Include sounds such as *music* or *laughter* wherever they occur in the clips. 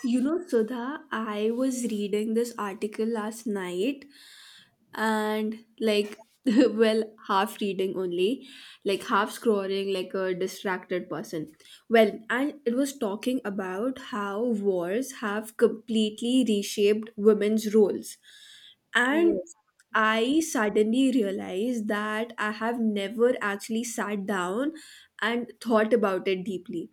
You know, Sudha, I was reading this article last night and *laughs* well, half reading only, like half scrolling like a distracted person. And it was talking about how wars have completely reshaped women's roles, and Yes. I suddenly realized that I have never actually sat down and thought about it deeply.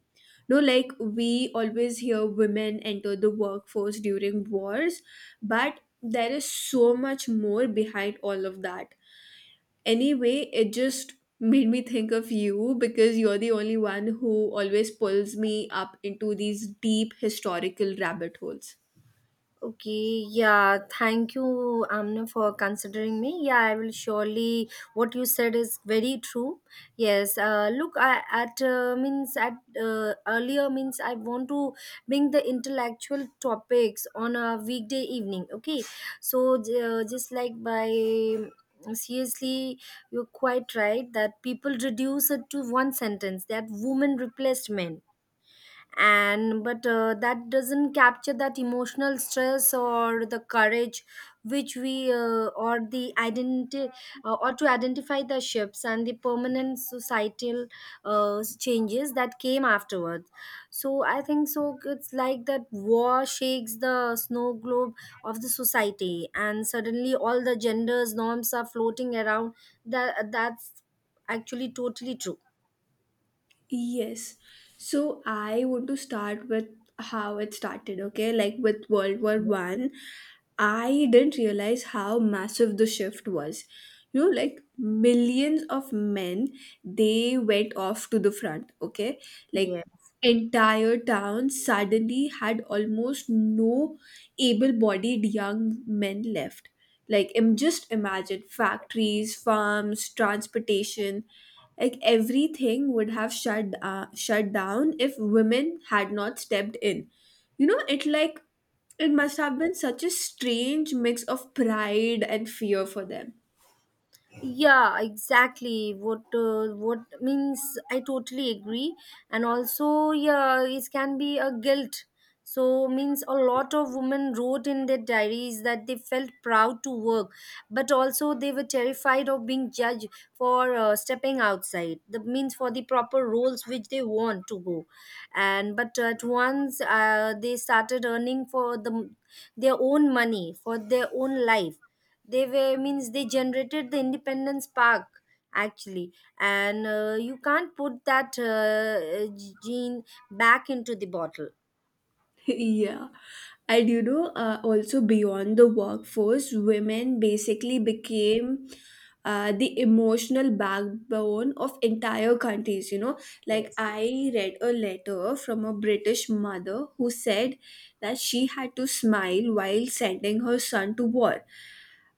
No Like, we always hear women enter the workforce during wars, but there is so much more behind all of that. Anyway, it just made me think of you because you're the only one who always pulls me up into these deep historical rabbit holes. Okay. Yeah. Thank you, Amna, for considering me. Yeah, I will surely. What you said is very true. Yes. Look, I, at means at earlier means I want to bring the intellectual topics on a weekday evening. Okay. So just like by seriously, you're quite right that people reduce it to one sentence that women replaced men. And but uh, that doesn't capture that emotional stress or the courage which we or the identity, or to identify the shifts and the permanent societal changes that came afterwards. So I think it's like that war shakes the snow globe of the society and suddenly all the genders norms are floating around. That's actually totally true. Yes. So I want to start with how it started, okay? Like, with World War One, I didn't realize how massive the shift was. You know, like millions of men, they went off to the front, okay? Like, Yeah, entire towns suddenly had almost no able-bodied young men left. Like, just imagine factories, farms, transportation, like everything would have shut shut down if women had not stepped in. you know it like it must have been such a strange mix of pride and fear for them. yeah, exactly. What means I totally agree. And also, yeah, it can be a guilt. So means a lot of women wrote in their diaries that they felt proud to work, but also they were terrified of being judged for stepping outside the means for the proper roles which they want to go. And but at once, they started earning for the their own money for their own life. They were means they generated the independence park, actually. And you can't put that gene back into the bottle. Yeah. And you know, also beyond the workforce, women basically became the emotional backbone of entire countries. You know, like, Yes. I read a letter from a British mother who said that she had to smile while sending her son to war,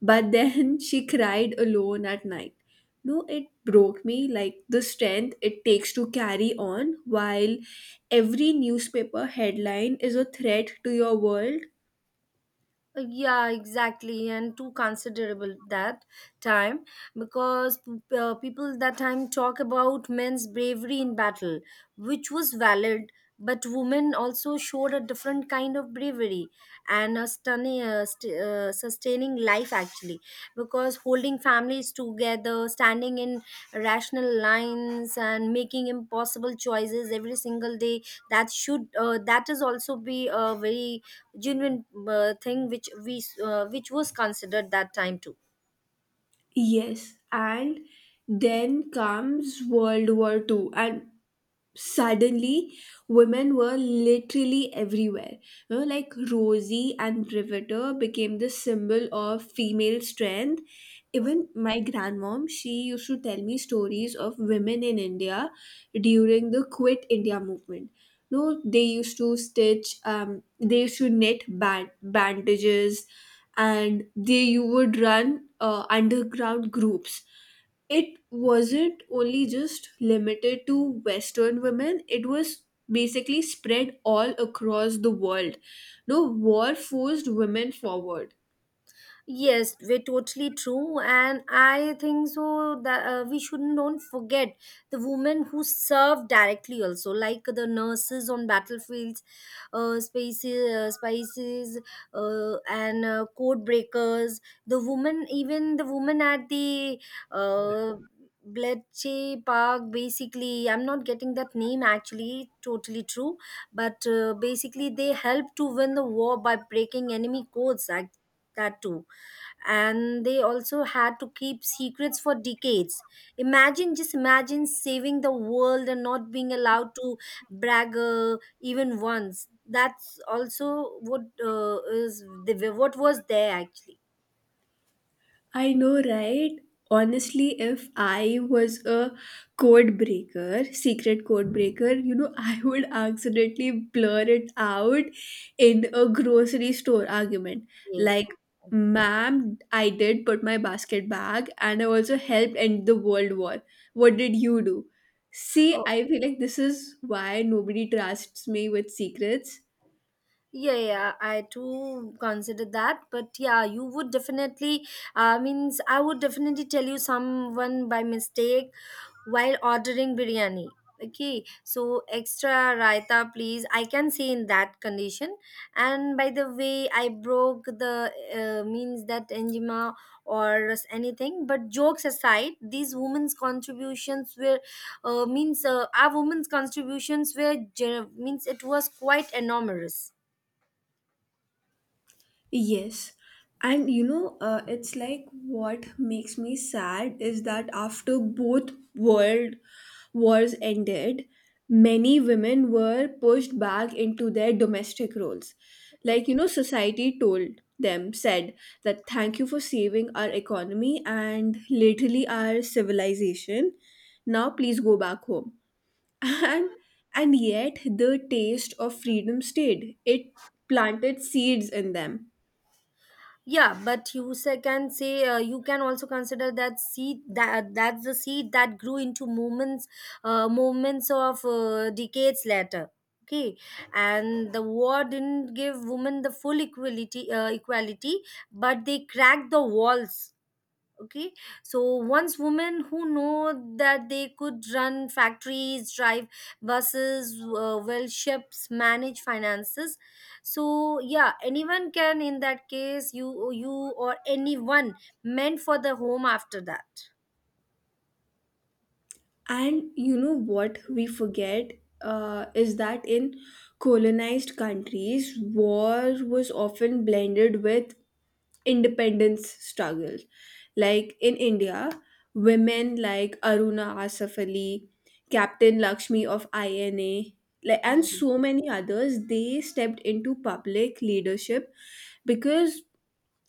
but then *laughs* she cried alone at night. No, it broke me, like the strength it takes to carry on while every newspaper headline is a threat to your world. Yeah, exactly, and too considerable that time because people that time talk about men's bravery in battle, which was valid, but women also showed a different kind of bravery and a stunning, sustaining life, actually, because holding families together, standing in rational lines, and making impossible choices every single day, that is also be a very genuine thing which we which was considered that time too. Yes, and then comes World War Two, and suddenly women were literally everywhere, you know, like Rosie and Riveter became the symbol of female strength. Even my grandmom, she used to tell me stories of women in India during the Quit India movement. No They used to stitch, they used to knit bandages, and they, you would run underground groups. It wasn't only just limited to Western women, it was basically spread all across the world. No War forced women forward. Yes, we're totally true, and I think so that we shouldn't don't forget the women who serve directly also, like the nurses on battlefields, spices, and code breakers. The woman, even the woman at the uh, Bletchley Park, basically, I'm not getting that name actually. Totally true, but basically, they help to win the war by breaking enemy codes. Like that too. And they also had to keep secrets for decades. Imagine, just imagine saving the world and not being allowed to brag, even once. That's also what is the what was there actually. I know, right? Honestly, if I was a code breaker, secret code breaker, you know, *laughs* I would accidentally blur it out in a grocery store argument. Yes. Like, ma'am, I did put my basket back and I also helped end the world war. What did you do? See, Oh, I feel like this is why nobody trusts me with secrets. yeah, yeah, I too consider that. But yeah, you would definitely, means I would definitely tell you someone by mistake while ordering biryani. Okay, so extra raita, please. I can say in that condition. And by the way, I broke the means that enjima or anything. But jokes aside, these women's contributions were means our women's contributions were gen- means it was quite enormous. Yes. And you know, it's like, what makes me sad is that after both world wars ended, many women were pushed back into their domestic roles. Like, you know, society told them, said that thank you for saving our economy and literally our civilization. Now, please go back home. *laughs* And and yet the taste of freedom stayed. It planted seeds in them. Yeah, but you say, can say, you can also consider that seed. That's the seed that grew into moments of decades later. Okay. And the war didn't give women the full equality, but they cracked the walls. Okay. So once women who know that they could run factories, drive buses, well, ships, manage finances. So yeah, anyone can in that case. You or anyone meant for the home after that. And you know what we forget is that in colonized countries, war was often blended with independence struggles. Like in India, women like Aruna Asaf Ali, Captain Lakshmi of INA, like, and so many others, they stepped into public leadership because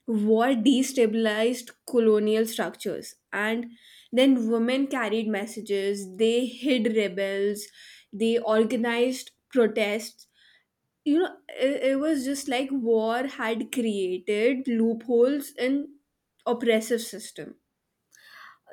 war destabilized colonial structures, and then women carried messages, they hid rebels, they organized protests. You know, it was just like war had created loopholes in oppressive system.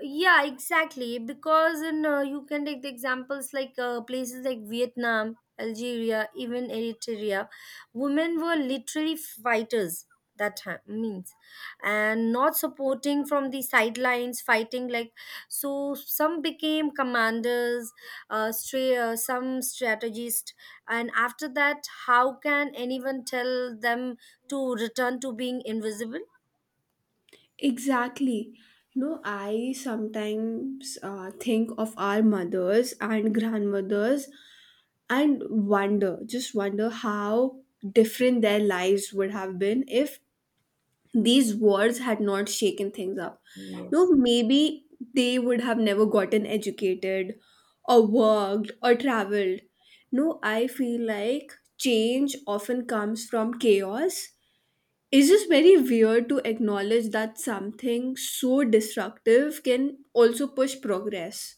Yeah, exactly, because in you can take the examples like places like Vietnam, Algeria, even Eritrea, women were literally fighters that time means. And not supporting from the sidelines, fighting, like. So some became commanders, some strategists. And after that, how can anyone tell them to return to being invisible? Exactly. No, I sometimes think of our mothers and grandmothers and wonder, just wonder how different their lives would have been if these wars had not shaken things up. No, Yes. maybe they would have never gotten educated or worked or traveled. No, I feel like change often comes from chaos. It's just very weird to acknowledge that something so destructive can also push progress.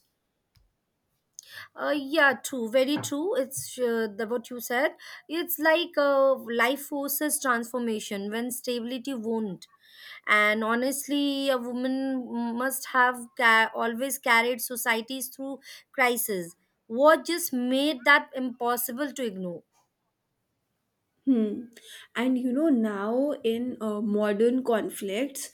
Yeah, true, very true. It's the what you said. It's like, life forces transformation when stability won't. And honestly, a woman must have always carried societies through crisis. War just made that impossible to ignore. Hmm. And you know, now in modern conflicts,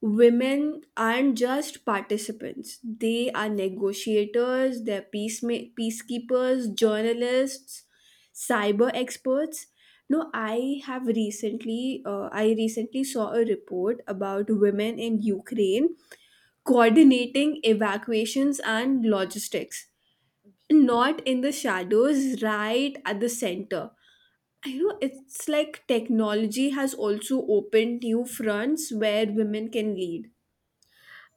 women aren't just participants, they are negotiators, they're peacekeepers, journalists, cyber experts. No, I have recently, I recently saw a report about women in Ukraine coordinating evacuations and logistics, not in the shadows, right at the center. I know, it's like technology has also opened new fronts where women can lead.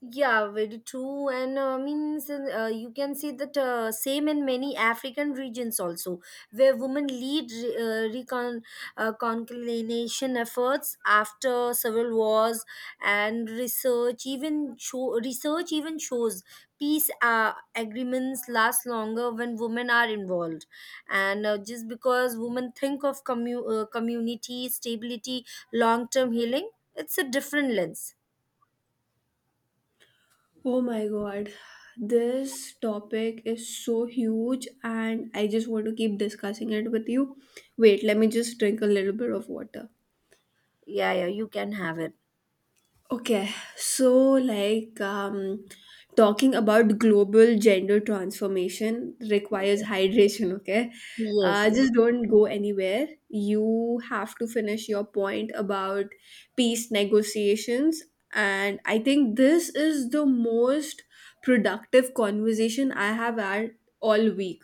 Yeah, very true. And means you can see that same in many African regions also, where women lead re- recon conciliation efforts after several wars, and research even shows peace agreements last longer when women are involved, and just because women think of community stability, long term healing. It's a different lens. Oh my god, this topic is so huge and I just want to keep discussing it with you. Wait, let me just drink a little bit of water. Yeah, yeah, you can have it. Okay, so like, talking about global gender transformation requires hydration, okay? Yes, yes. Just don't go anywhere. You have to finish your point about peace negotiations. And I think this is the most productive conversation I have had all week.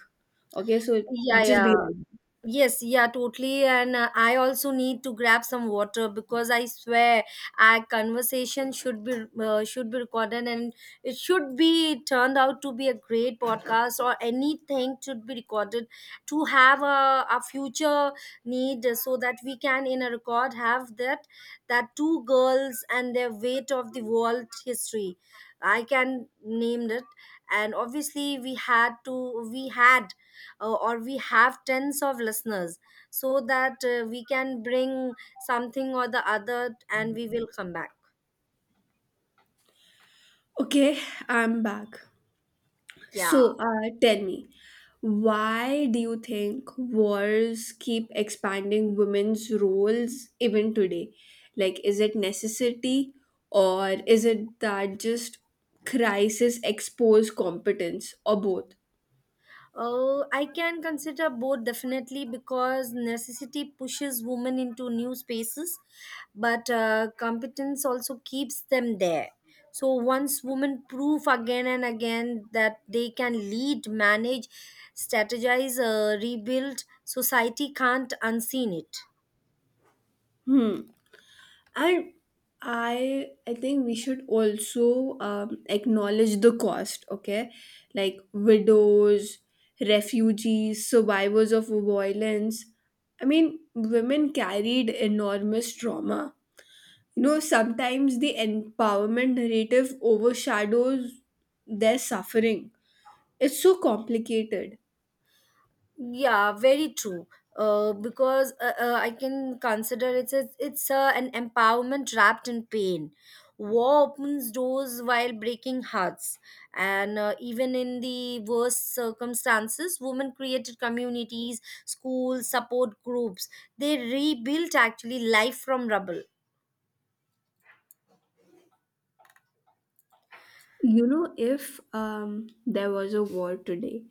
Okay, so Yeah, just be yeah. ready. Yes, yeah, totally. And I also need to grab some water because I swear our conversation should be recorded, and it should be turned out to be a great podcast or anything, should be recorded to have a future need so that we can in a record have that, that two girls and their weight of the world history. I can name it. And obviously we had or we have tens of listeners, so that we can bring something or the other, and we will come back. Okay, I'm back. So, Yeah. Tell me, why do you think wars keep expanding women's roles even today? Like, is it necessity, or is it that just crisis expose competence, or both? I can consider both, definitely, because necessity pushes women into new spaces, but competence also keeps them there. So once women prove again and again that they can lead, manage, strategize, rebuild society, can't unseen it. Hmm. I I think we should also acknowledge the cost. Okay, like widows, refugees, survivors of violence. I mean, women carried enormous trauma. You know, sometimes the empowerment narrative overshadows their suffering. It's so complicated. Yeah, very true. Because I can consider it's it's an empowerment wrapped in pain. War opens doors while breaking hearts, and even in the worst circumstances, women created communities, schools, support groups. They rebuilt actually life from rubble. You know, if there was a war today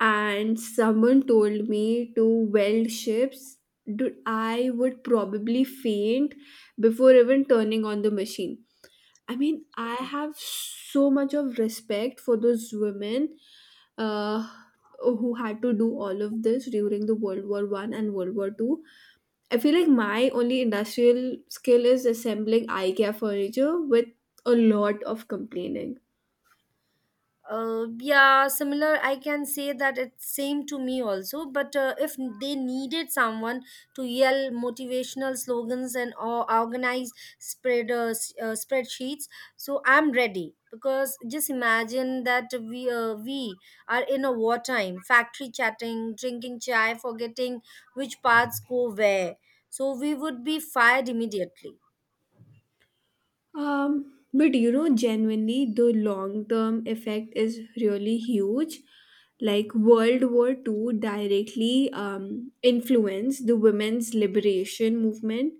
and someone told me to weld ships, dude, I would probably faint before even turning on the machine. I mean, I have so much of respect for those women uh, who had to do all of this during the World War One and World War Two. I feel like my only industrial skill is assembling IKEA furniture with a lot of complaining. Yeah, similar. I can say that it's same to me also. But if they needed someone to yell motivational slogans and or organize spread, spreadsheets, so I'm ready. Because just imagine that we are in a wartime, factory, chatting, drinking chai, forgetting which parts go where. So we would be fired immediately. But you know, genuinely, the long term effect is really huge. Like, World War Two directly influenced the women's liberation movement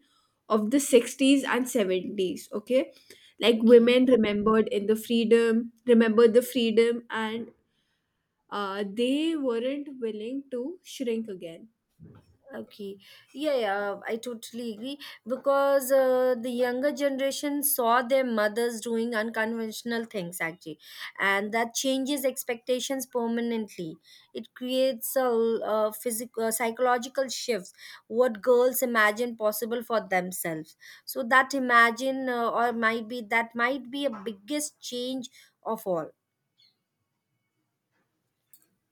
of the 60s and 70s. Okay, like Okay. women remembered in the freedom, remembered the freedom, and they weren't willing to shrink again. Okay. Yeah, yeah, I totally agree because the younger generation saw their mothers doing unconventional things actually, and that changes expectations permanently. It creates a physical, psychological shifts what girls imagine possible for themselves. So that imagine or might be that might be a biggest change of all.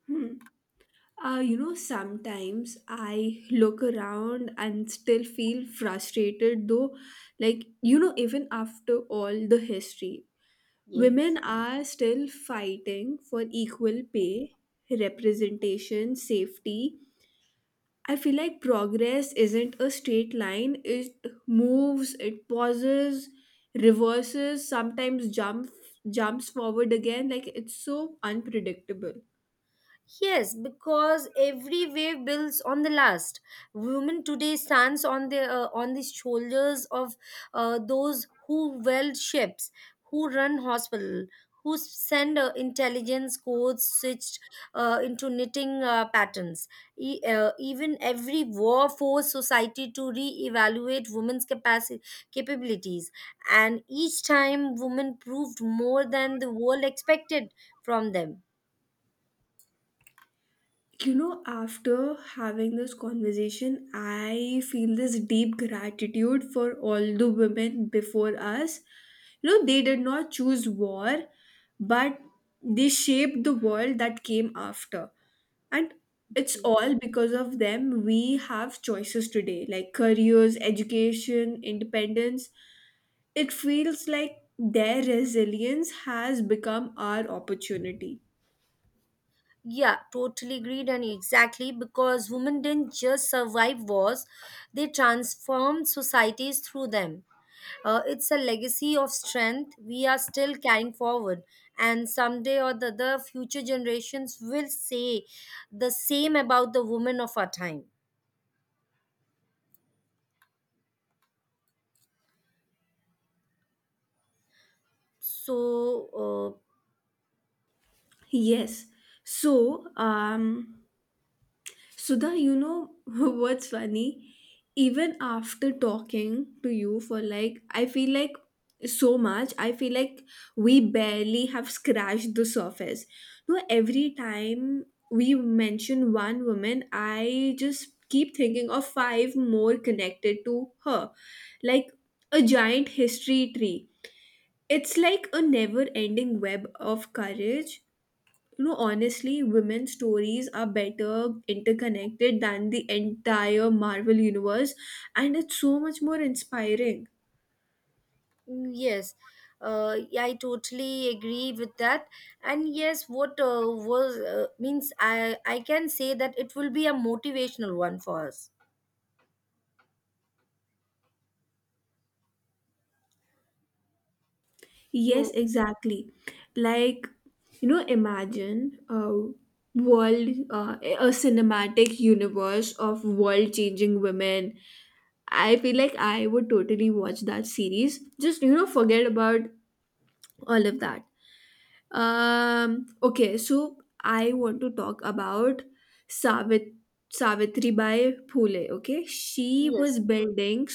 Hmm. You know, sometimes I look around and still feel frustrated though. Like, you know, even after all the history, women Yes. are still fighting for equal pay, representation, safety. I feel like progress isn't a straight line, it moves, it pauses, reverses, sometimes jumps forward again, like it's so unpredictable. Yes, because every wave builds on the last. Women today stands on the shoulders of those who weld ships, who run hospital, who send intelligence codes switched into knitting patterns. Even every war forced society to re-evaluate women's capacity capabilities, and each time women proved more than the world expected from them. You know, after having this conversation, I feel this deep gratitude for all the women before us. You know, they did not choose war, but they shaped the world that came after. And it's all because of them we have choices today, like careers, education, independence. It feels like their resilience has become our opportunity. Yeah, totally agreed, and exactly because women didn't just survive wars, they transformed societies through them. It's a legacy of strength we are still carrying forward, and someday or the other, future generations will say the same about the women of our time. So, Yes. So, Sudha, you know, *laughs* what's funny? Even after talking to you for like, I feel like so much, I feel like we barely have scratched the surface. No, every time we mention one woman, I just keep thinking of five more connected to her, like a giant history tree. It's like a never ending web of courage. You know, honestly, women's stories are better interconnected than the entire Marvel universe, and it's so much more inspiring. Mm, yes, yeah, I totally agree with that. And yes, what was means I can say that it will be a motivational one for us. Yes, So exactly. Like, you know, imagine a world, a cinematic universe of world changing women. I feel like I would totally watch that series, just, you know, forget about all of that. Okay, so I want to talk about Savit Savitri Bai Phule. Okay, she yes. was building